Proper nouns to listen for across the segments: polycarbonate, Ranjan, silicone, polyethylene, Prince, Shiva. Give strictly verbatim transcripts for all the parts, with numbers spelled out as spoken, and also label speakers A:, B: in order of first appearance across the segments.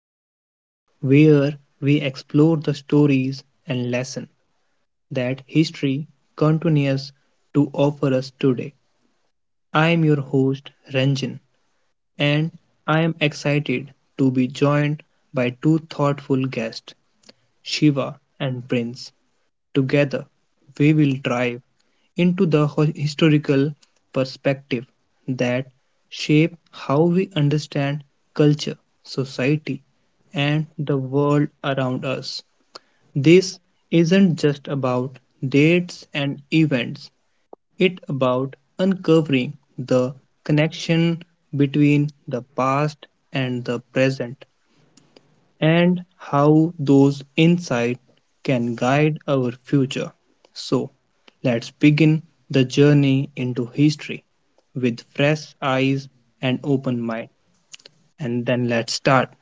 A: Science, where we explore the stories and lessons that history continues to offer us today. I am your host, Ranjan, and I am excited to be joined by two thoughtful guests, Shiva and Prince. Together, we will drive into the historical perspective that shape how we understand culture, society, and the world around us. This isn't just about dates and events, it's about uncovering the connection between the past and the present and how those insights can guide our future. So, let's begin the journey into history with fresh eyes and open mind. And then let's start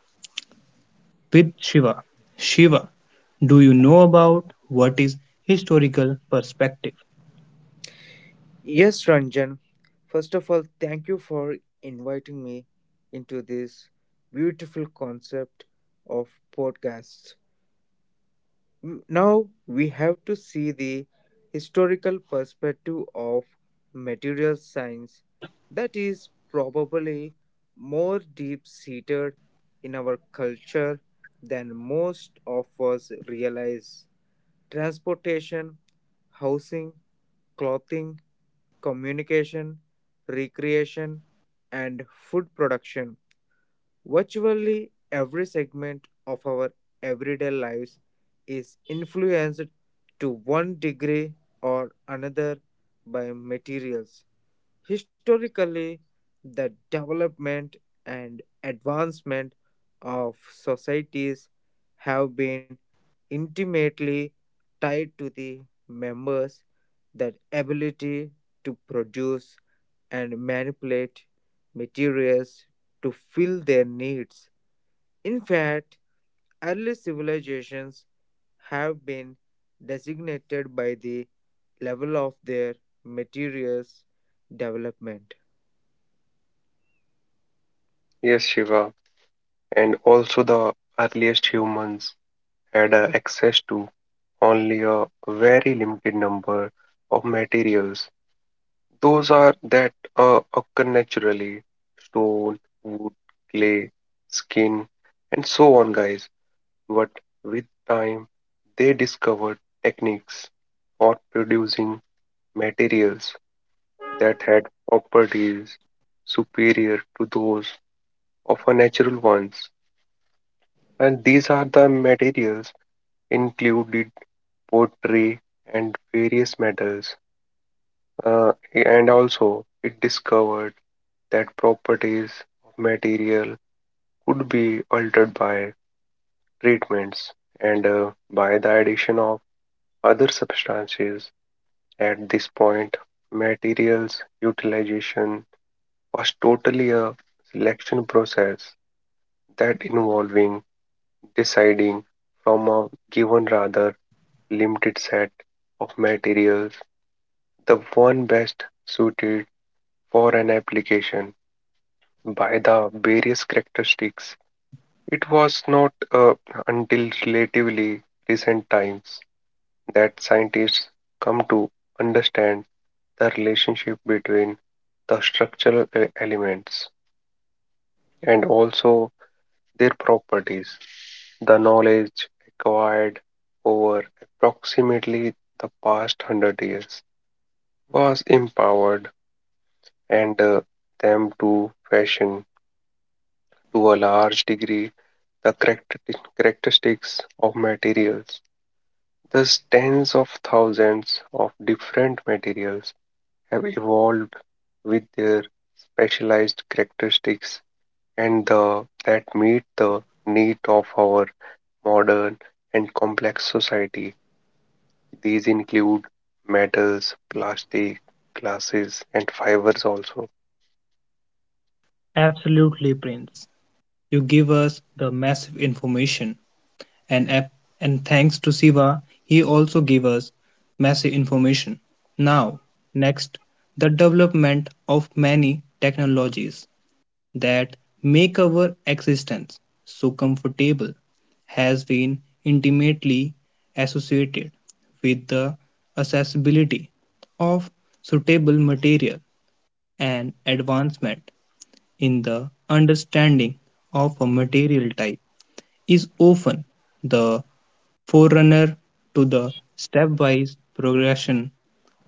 A: with Shiva. Shiva, do you know about what is historical perspective?
B: Yes, Ranjan. First of all, thank you for inviting me into this beautiful concept of podcasts. Now we have to see the historical perspective of material science that is probably more deep seated in our culture than most of us realize. Transportation, housing, clothing, communication, recreation, and food production. Virtually every segment of our everyday lives is influenced to one degree or another by materials. Historically, the development and advancement of societies have been intimately tied to the members' that ability to produce and manipulate materials to fill their needs. In fact, early civilizations have been designated by the level of their materials development.
C: Yes, Shiva, and also the earliest humans had uh, access to only a very limited number of materials. Those are that uh, occur naturally stone, wood, clay, skin, and so on, guys. But with time, they discovered techniques for producing materials that had properties superior to those of a natural ones. And these are the materials included pottery and various metals. Uh, and also it discovered that properties of material could be altered by treatments and uh, by the addition of other substances at this point materials utilization was totally a selection process that involving deciding from a given rather limited set of materials, the one best suited for an application. By the various characteristics, it was not uh, until relatively recent times that scientists come to understand the relationship between the structural e- elements and also their properties. The knowledge acquired over approximately the past one hundred years was empowered and uh, them to fashion to a large degree the character- characteristics of materials. Thus, tens of thousands of different materials have evolved with their specialized characteristics and the, that meet the need of our modern and complex society. These include metals, plastic, glasses, and fibers also.
A: Absolutely, Prince. You give us the massive information and app, and thanks to Siva, he also gave us massive information. Now, next, the development of many technologies that make our existence so comfortable has been intimately associated with the accessibility of suitable material and advancement in the understanding of a material type is often the forerunner to the stepwise progression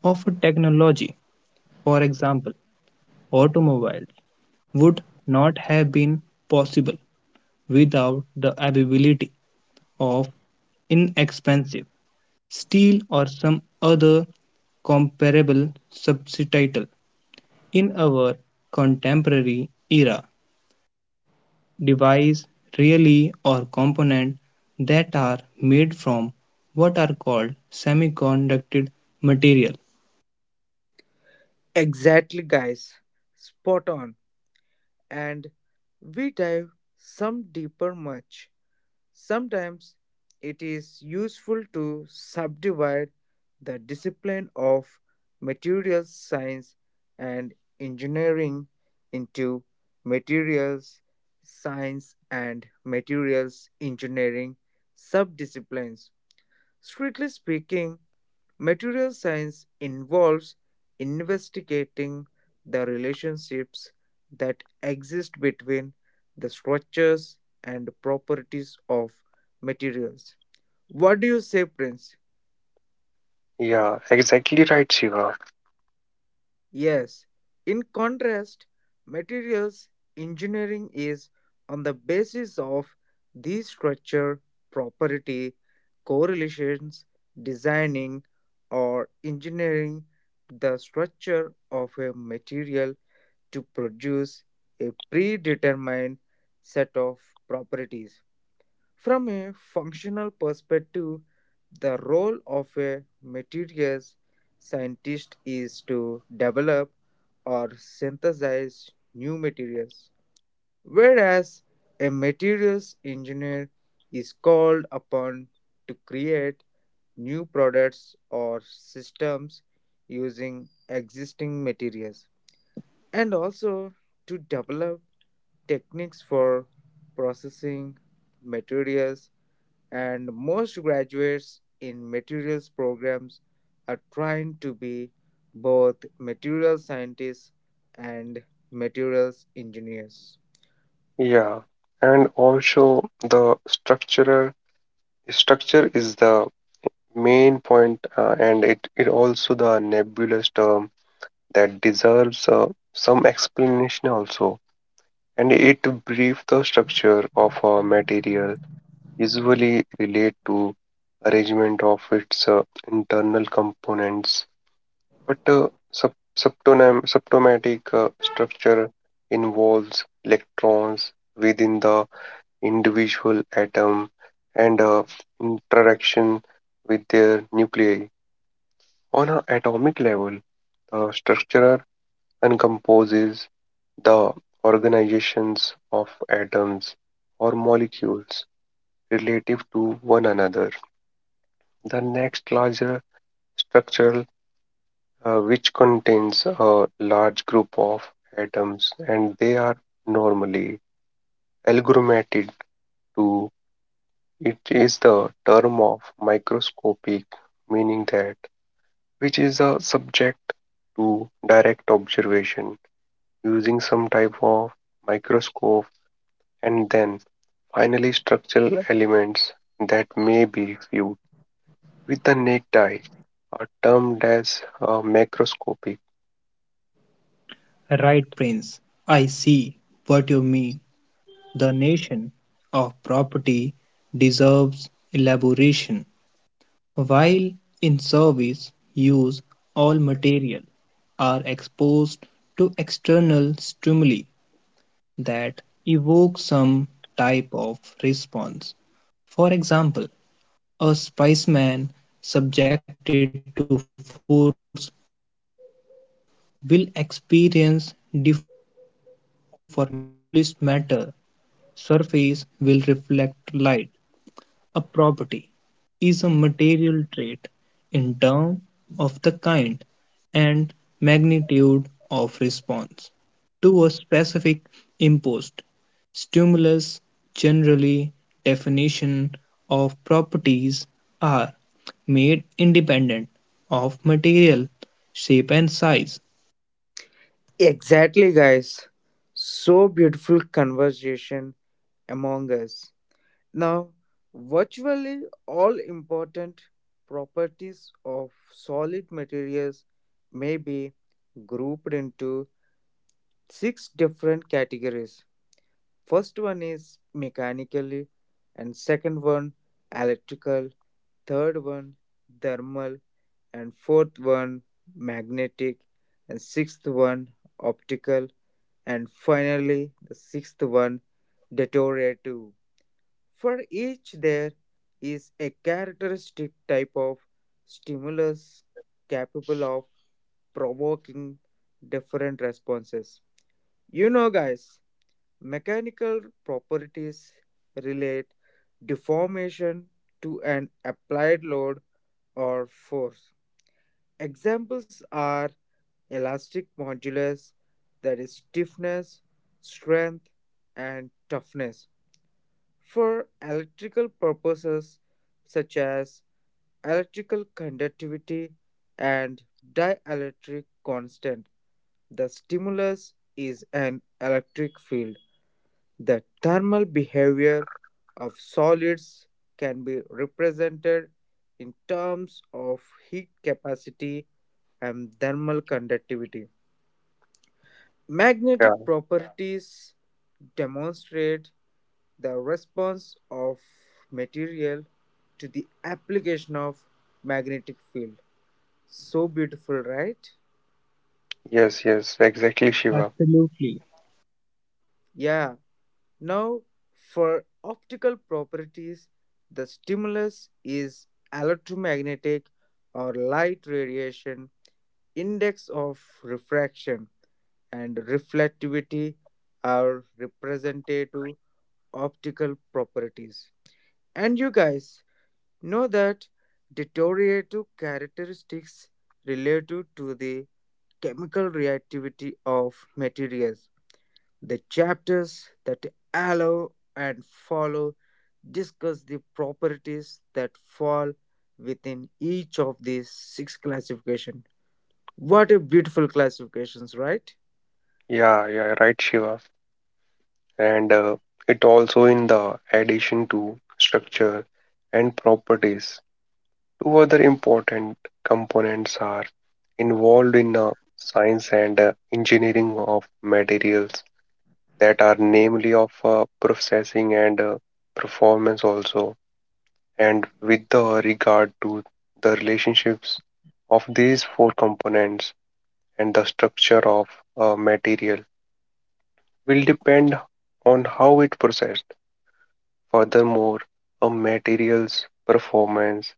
A: of a technology. For example, automobiles would not have been possible without the availability of inexpensive steel or some other comparable substitute. In our contemporary era, devices, really or component that are made from what are called semiconductor material.
B: Exactly, guys. Spot on. And we dive some deeper much. Sometimes it is useful to subdivide the discipline of materials science and engineering into materials science and materials engineering subdisciplines. Strictly speaking, material science involves investigating the relationships that exist between the structures and properties of materials. What do you say, Prince?
C: Yeah, exactly right, Shiva.
B: Yes. In contrast, materials engineering is on the basis of these structure, property, correlations, designing or engineering the structure of a material to produce a predetermined set of properties. From a functional perspective, the role of a materials scientist is to develop or synthesize new materials, whereas a materials engineer is called upon to create new products or systems using existing materials and also to develop techniques for processing materials, and most graduates in materials programs are trying to be both material scientists and materials engineers.
C: Yeah, and also the structural structure is the main point, uh, and it it also the nebulous term that deserves uh, some explanation also. And it brief the structure of a material usually relate to arrangement of its uh, internal components, but uh, sub subtonem- subtomatic uh, structure involves electrons within the individual atom and uh, interaction with their nuclei. On an atomic level, the structure encompasses the organizations of atoms or molecules relative to one another. The next larger structure, uh, which contains a large group of atoms, and they are normally aggregated to it is the term of microscopic meaning that which is a subject to direct observation using some type of microscope and then finally structural elements that may be viewed with the naked eye are termed as uh, macroscopic.
A: Right, Prince. I see what you mean. The nation of property deserves elaboration. While in service, use all material are exposed to external stimuli that evoke some type of response. For example, a spiceman subjected to force will experience deformation, or a police matter surface will reflect light. A property is a material trait in terms of the kind and magnitude of response to a specific imposed stimulus. Generally, definition of properties are made independent of material shape and size.
B: Exactly, guys. So beautiful conversation among us. Now, virtually all important properties of solid materials may be grouped into six different categories. First one is mechanical, and second one electrical, third one thermal, and fourth one magnetic, and sixth one optical, and finally the sixth one deteriorative. For each there is a characteristic type of stimulus capable of provoking different responses. You know, guys, mechanical properties relate deformation to an applied load or force. Examples are elastic modulus, that is, stiffness, strength, and toughness. For electrical purposes, such as electrical conductivity and dielectric constant, the stimulus is an electric field. The thermal behavior of solids can be represented in terms of heat capacity and thermal conductivity. Magnetic
C: Yeah.
B: properties demonstrate the response of material to the application of magnetic field. So beautiful, right?
C: Yes, yes, exactly Shiva.
A: Absolutely.
B: Yeah. Now, for optical properties, the stimulus is electromagnetic or light radiation, index of refraction, and reflectivity are representative optical properties. And you guys know that deteriorative characteristics relative to the chemical reactivity of materials, the chapters that allow and follow discuss the properties that fall within each of these six classification. What a beautiful classifications, right?
C: Yeah, yeah, right Shiva. And uh, it also in the addition to structure and properties two other important components are involved in the science and uh, engineering of materials that are namely of uh, processing and uh, performance also and with the regard to the relationships of these four components and the structure of a material will depend on how it processed. Furthermore, a material's performance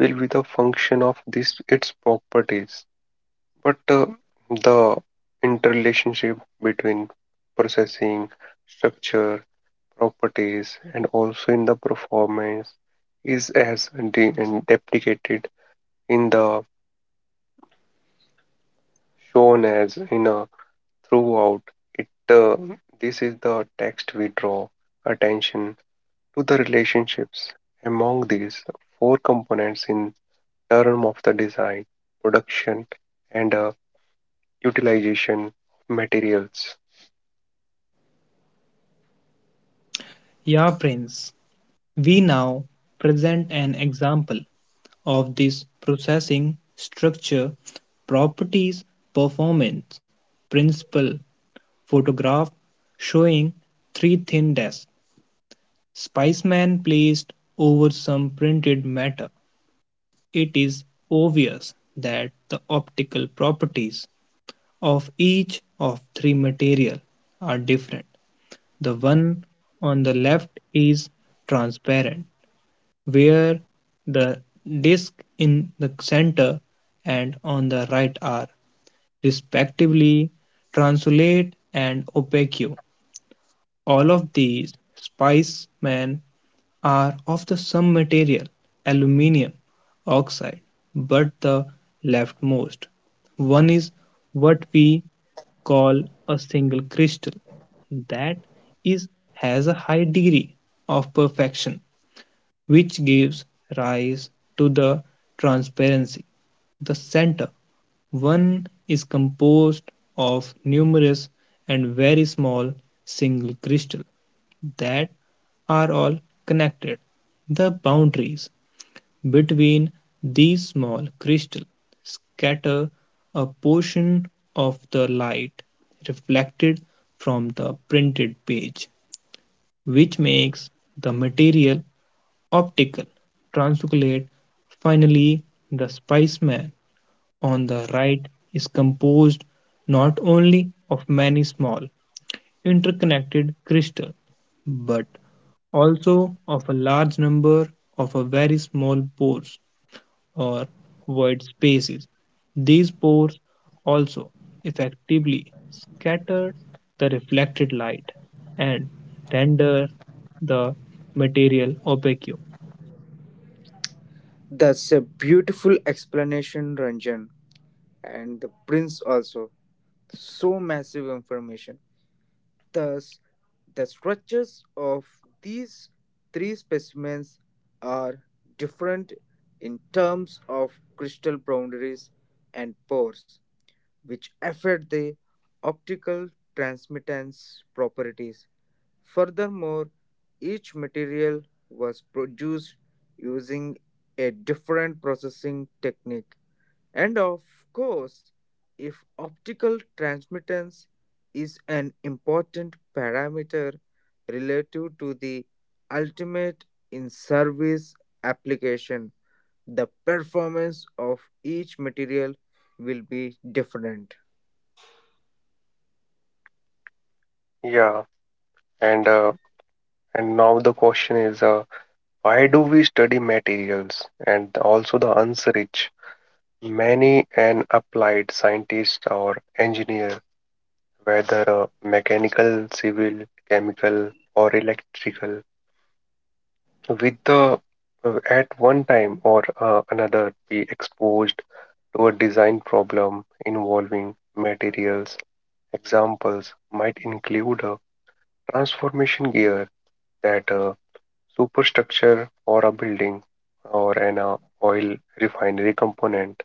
C: will be the function of this its properties. But uh, the interrelationship between processing, structure, properties, and also in the performance is as de- and deprecated in the shown as in a throughout it. Uh, this is the text we draw attention to the relationships among these four components in term of the design, production, and uh, utilization of materials.
A: Yeah, Prince. We now present an example of this processing structure, properties, performance, principle, photograph showing three thin discs. Spiceman placed over some printed matter. It is obvious that the optical properties of each of three material are different. The one on the left is transparent where the disc in the center and on the right are, respectively, translate and opaque. All of these spicemen are of the same material, aluminium oxide, but the leftmost one is what we call a single crystal that is has a high degree of perfection which gives rise to the transparency. The center, one is composed of numerous and very small single crystals that are all connected. The boundaries between these small crystals scatter a portion of the light reflected from the printed page, which makes the material optical transoculate. Finally, the Spiceman on the right is composed not only of many small interconnected crystals but also of a large number of a very small pores or void spaces. These pores also effectively scatter the reflected light and render the material opaque.
B: That's a beautiful explanation, Ranjan, and the prince also. So massive information. Thus, the structures of these three specimens are different in terms of crystal boundaries and pores, which affect the optical transmittance properties. Furthermore, each material was produced using a different processing technique. And of course, if optical transmittance is an important parameter relative to the ultimate in service application, the performance of each material will be different.
C: Yeah. And uh, and now the question is uh, why do we study materials and also the answer is many an applied scientist or engineer whether uh, mechanical civil chemical or electrical with the uh, at one time or uh, another be exposed to a design problem involving materials examples might include a transformation gear that uh, superstructure for a building or an uh, oil refinery component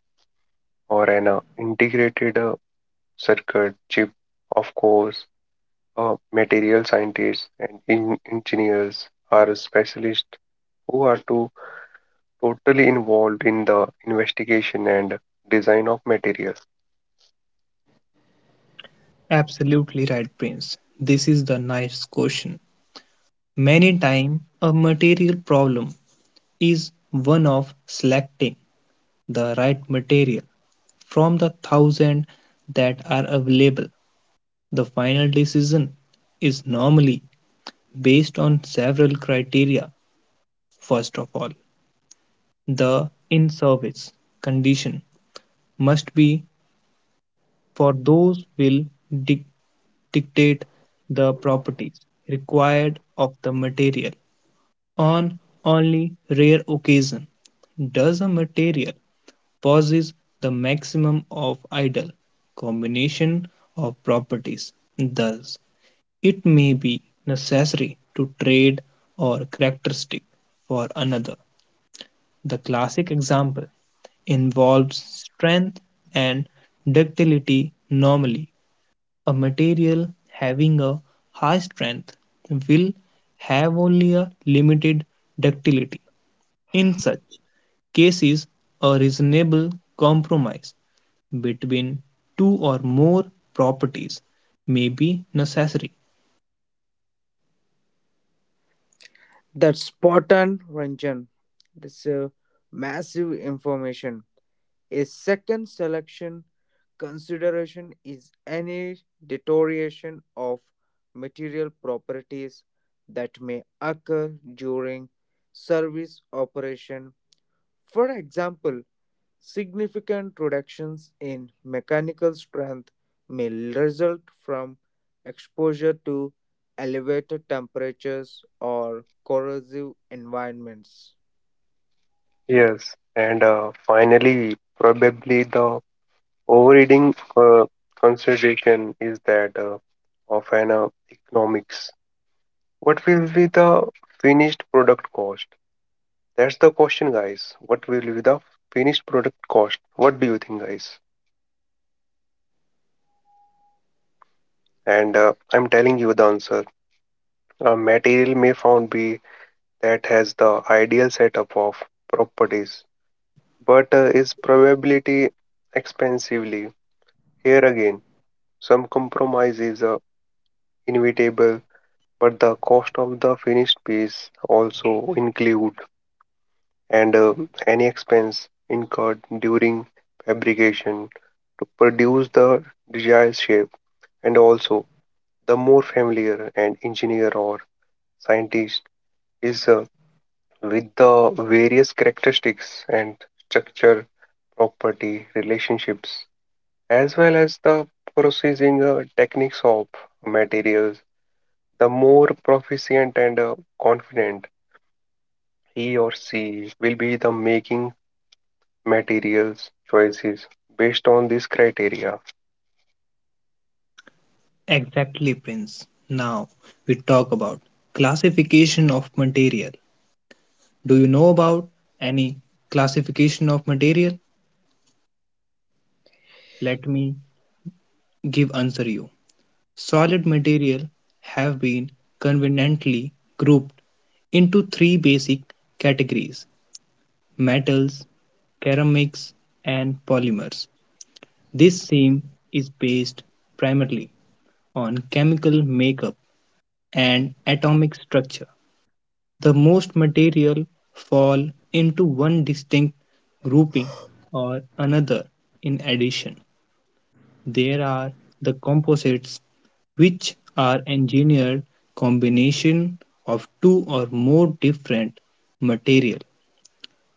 C: or an uh, integrated uh, circuit chip. Of course, uh, material scientists and in- engineers are specialists who are to totally involved in the investigation and design of materials.
A: Absolutely right, Prince. This is the nice question. Many times, a material problem is one of selecting the right material from the thousand that are available. The final decision is normally based on several criteria. First of all, the in service condition must be for those will dic- dictate the properties required of the material. On only rare occasion does a material possess the maximum of ideal combination of properties, thus it may be necessary to trade or characteristic for another. The classic example involves strength and ductility normally a material having a high strength will have only a limited ductility in such cases, a reasonable compromise between two or more properties may be necessary.
B: That spartan on, Ranjan. That's a massive information. A second selection consideration is any deterioration of material properties that may occur during service operation. For example, significant reductions in mechanical strength may result from exposure to elevated temperatures or corrosive environments.
C: Yes, and uh, finally, probably the overriding uh, consideration is that uh, of an uh, economics. What will be the finished product cost? That's the question, guys. What will be the finished product cost? What do you think, guys? And uh, I'm telling you the answer. A material may found be that has the ideal setup of properties, but uh, is probability expensively. Here again, some compromise is uh, inevitable, but the cost of the finished piece also include. And uh, any expense incurred during fabrication to produce the desired shape and also the more familiar an engineer or scientist is uh, with the various characteristics and structure property relationships as well as the processing uh, techniques of materials the more proficient and uh, confident he or she will be the making materials choices based on these criteria.
A: Exactly, Prince. Now we talk about classification of material. Do you know about any classification of material? Let me give answer you. Solid material have been conveniently grouped into three basic categories: metals, ceramics, and polymers. This theme is based primarily on chemical makeup and atomic structure. The most material fall into one distinct grouping or another in addition. There are the composites, which are engineered combination of two or more different material.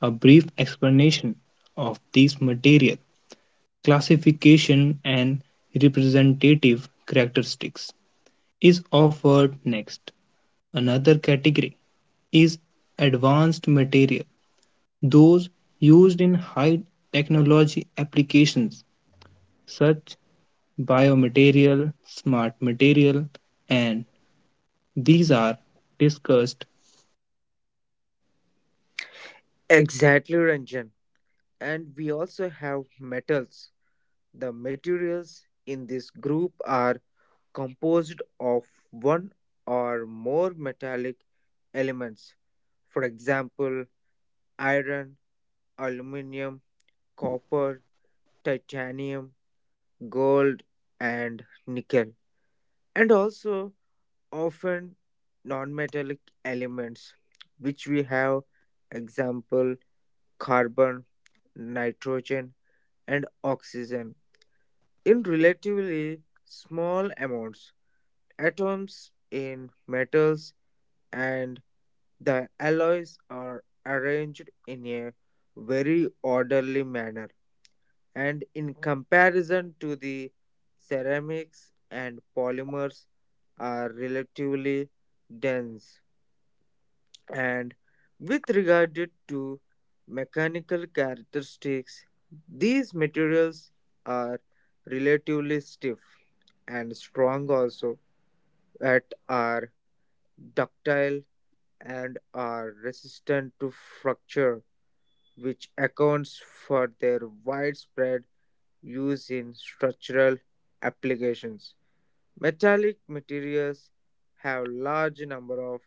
A: A brief explanation of these material classification and representative characteristics is offered next. Another category is advanced material, those used in high technology applications such biomaterial, smart material, and these are discussed
B: Exactly, Ranjan. And we also have metals. The materials in this group are composed of one or more metallic elements. For example, iron, aluminium, copper, titanium, gold and nickel, and also often non-metallic elements, which we have example carbon, nitrogen, and oxygen in relatively small amounts. Atoms in metals and the alloys are arranged in a very orderly manner and in comparison to the ceramics and polymers are relatively dense, and with regard to mechanical characteristics these materials are relatively stiff and strong also that are ductile and are resistant to fracture which accounts for their widespread used in structural applications. Metallic materials have large number of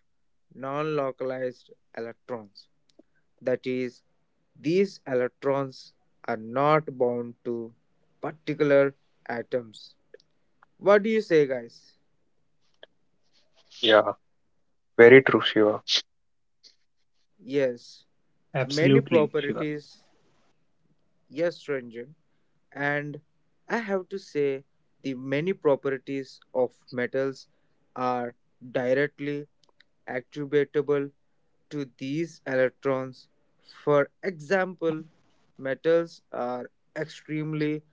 B: non-localized electrons. That is, these electrons are not bound to particular atoms. What do you say, guys?
C: Yeah, very true, Shiva.
A: absolutely, Shiva.
B: Yes, many properties. Yes, Ranjan. And I have to say the many properties of metals are directly attributable to these electrons. For example, metals are extremely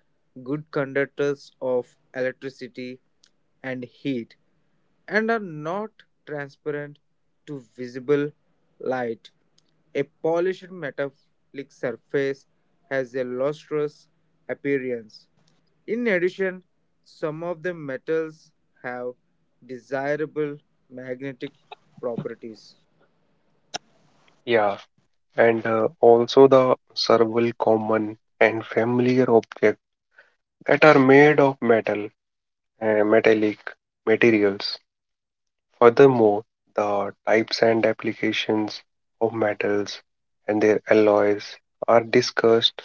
B: good conductors of electricity and heat and are not transparent to visible light. A polished metallic surface has a lustrous appearance. In addition, some of the metals have desirable magnetic properties.
C: Yeah, and uh, also the several common and familiar objects that are made of metal and metallic materials. Furthermore, the types and applications of metals and their alloys are discussed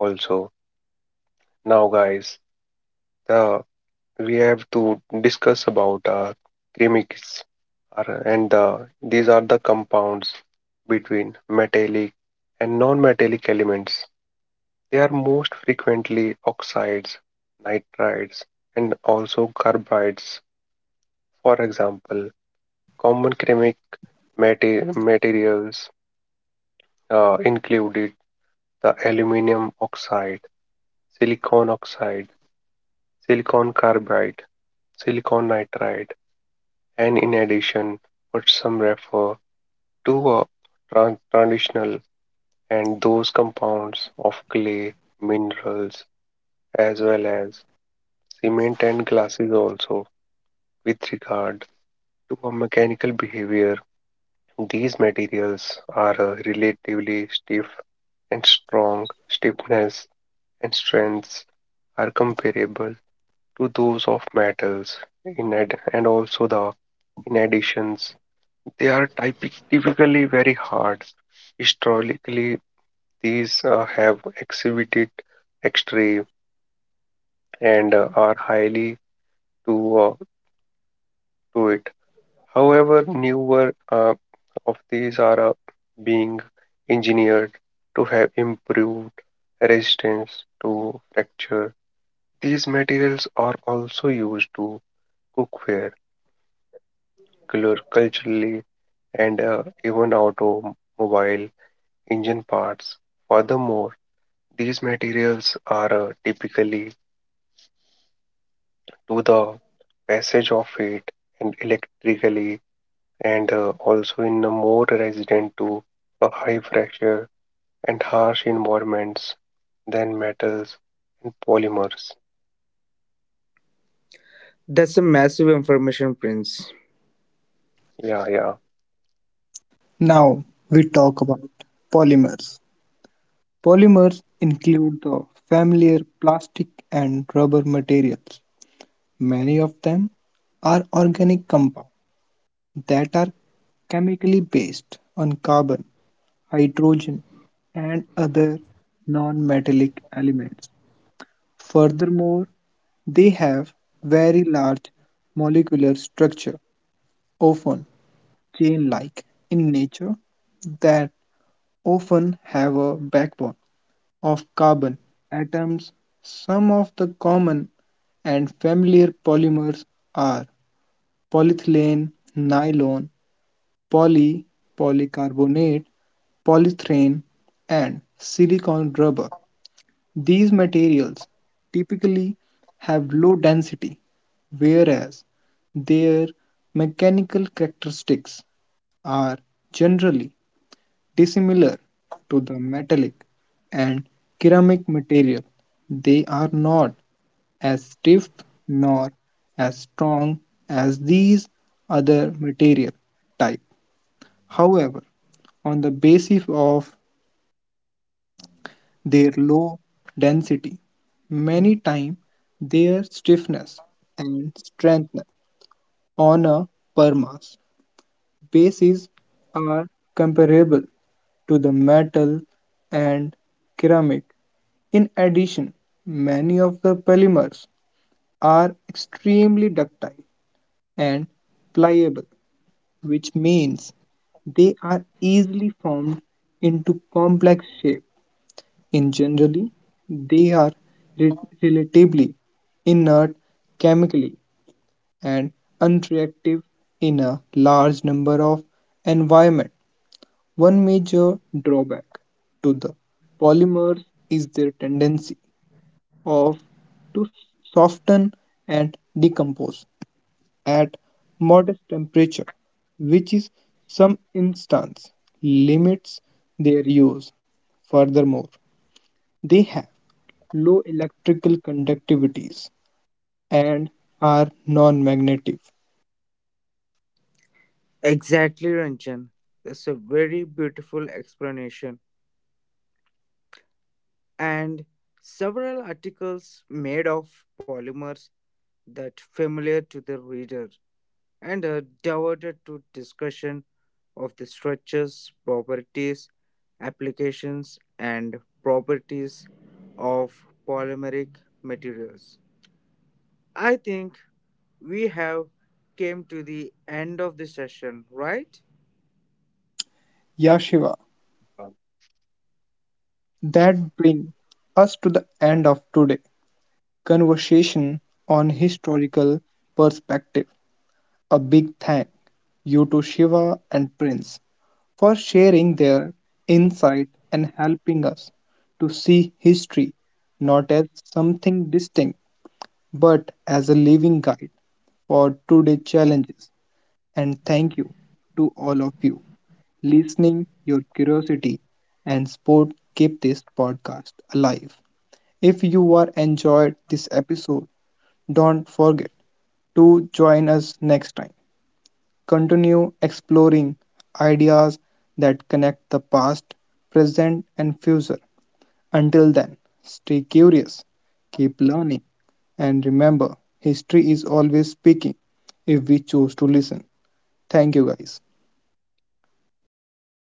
C: also. Now, guys, the we have to discuss about uh, chemics are- and uh, these are the compounds between metallic and non-metallic elements. They are most frequently oxides, nitrides, and also carbides. For example, common chemic mate- materials uh, included the aluminum oxide, silicon oxide, silicon carbide, silicon nitride, and in addition, what some refer two are tran- transitional and those compounds of clay, minerals, as well as cement and glasses also. With regard to a mechanical behavior, these materials are uh, relatively stiff and strong. Stiffness and strengths are comparable to those of metals. In ad- and also the in additions, they are typi- typically very hard historically. These uh, have exhibited extreme and uh, are highly to uh, to it. However, newer uh, of these are uh, being engineered to have improved resistance to fracture. These materials are also used to cookware, color culturally, and uh, even automobile engine parts. Furthermore, these materials are uh, typically to the passage of heat and electrically and uh, also in a more resident to a high pressure and harsh environments than metals and polymers.
B: That's a massive information, Prince.
C: Yeah, yeah.
A: Now we talk about polymers. Polymers include the familiar plastic and rubber materials. Many of them are organic compounds that are chemically based on carbon, hydrogen, and other non metallic elements. Furthermore, they have very large molecular structure, often chain like in nature, that often have a backbone of carbon atoms. Some of the common and familiar polymers are polyethylene, nylon, poly, polycarbonate, polyethylene, and silicone rubber. These materials typically have low density, whereas their mechanical characteristics are generally dissimilar to the metallic and ceramic material. They are not as stiff nor as strong as these other material type. However, on the basis of their low density, many times their stiffness and strength on a per mass basis are comparable to the metal and ceramic. In addition, many of the polymers are extremely ductile and pliable, which means they are easily formed into complex shape. In generally, they are re- relatively inert chemically and unreactive in a large number of environment. One major drawback to the polymers is their tendency of to soften and decompose at modest temperature, which in some instances limits their use. Furthermore, they have low electrical conductivities and are non-magnetic.
B: Exactly, Ranjan. That's a very beautiful explanation. And several articles made of polymers that familiar to the reader and are devoted to discussion of the structures, properties, applications and properties of polymeric materials. I think we have came to the end of the session, right?
A: Yeah, Shiva, that brings us to the end of today conversation on historical perspective. A big thank you to Shiva and Prince for sharing their insight and helping us to see history not as something distinct but as a living guide for today's challenges. And thank you to all of you listening, your curiosity and sport keep this podcast alive. If you are enjoyed this episode, don't forget to join us next time continue exploring ideas that connect the past, present, and future. Until then, stay curious, keep learning, and remember history is always speaking if we choose to listen. Thank you, guys.
C: Thank you,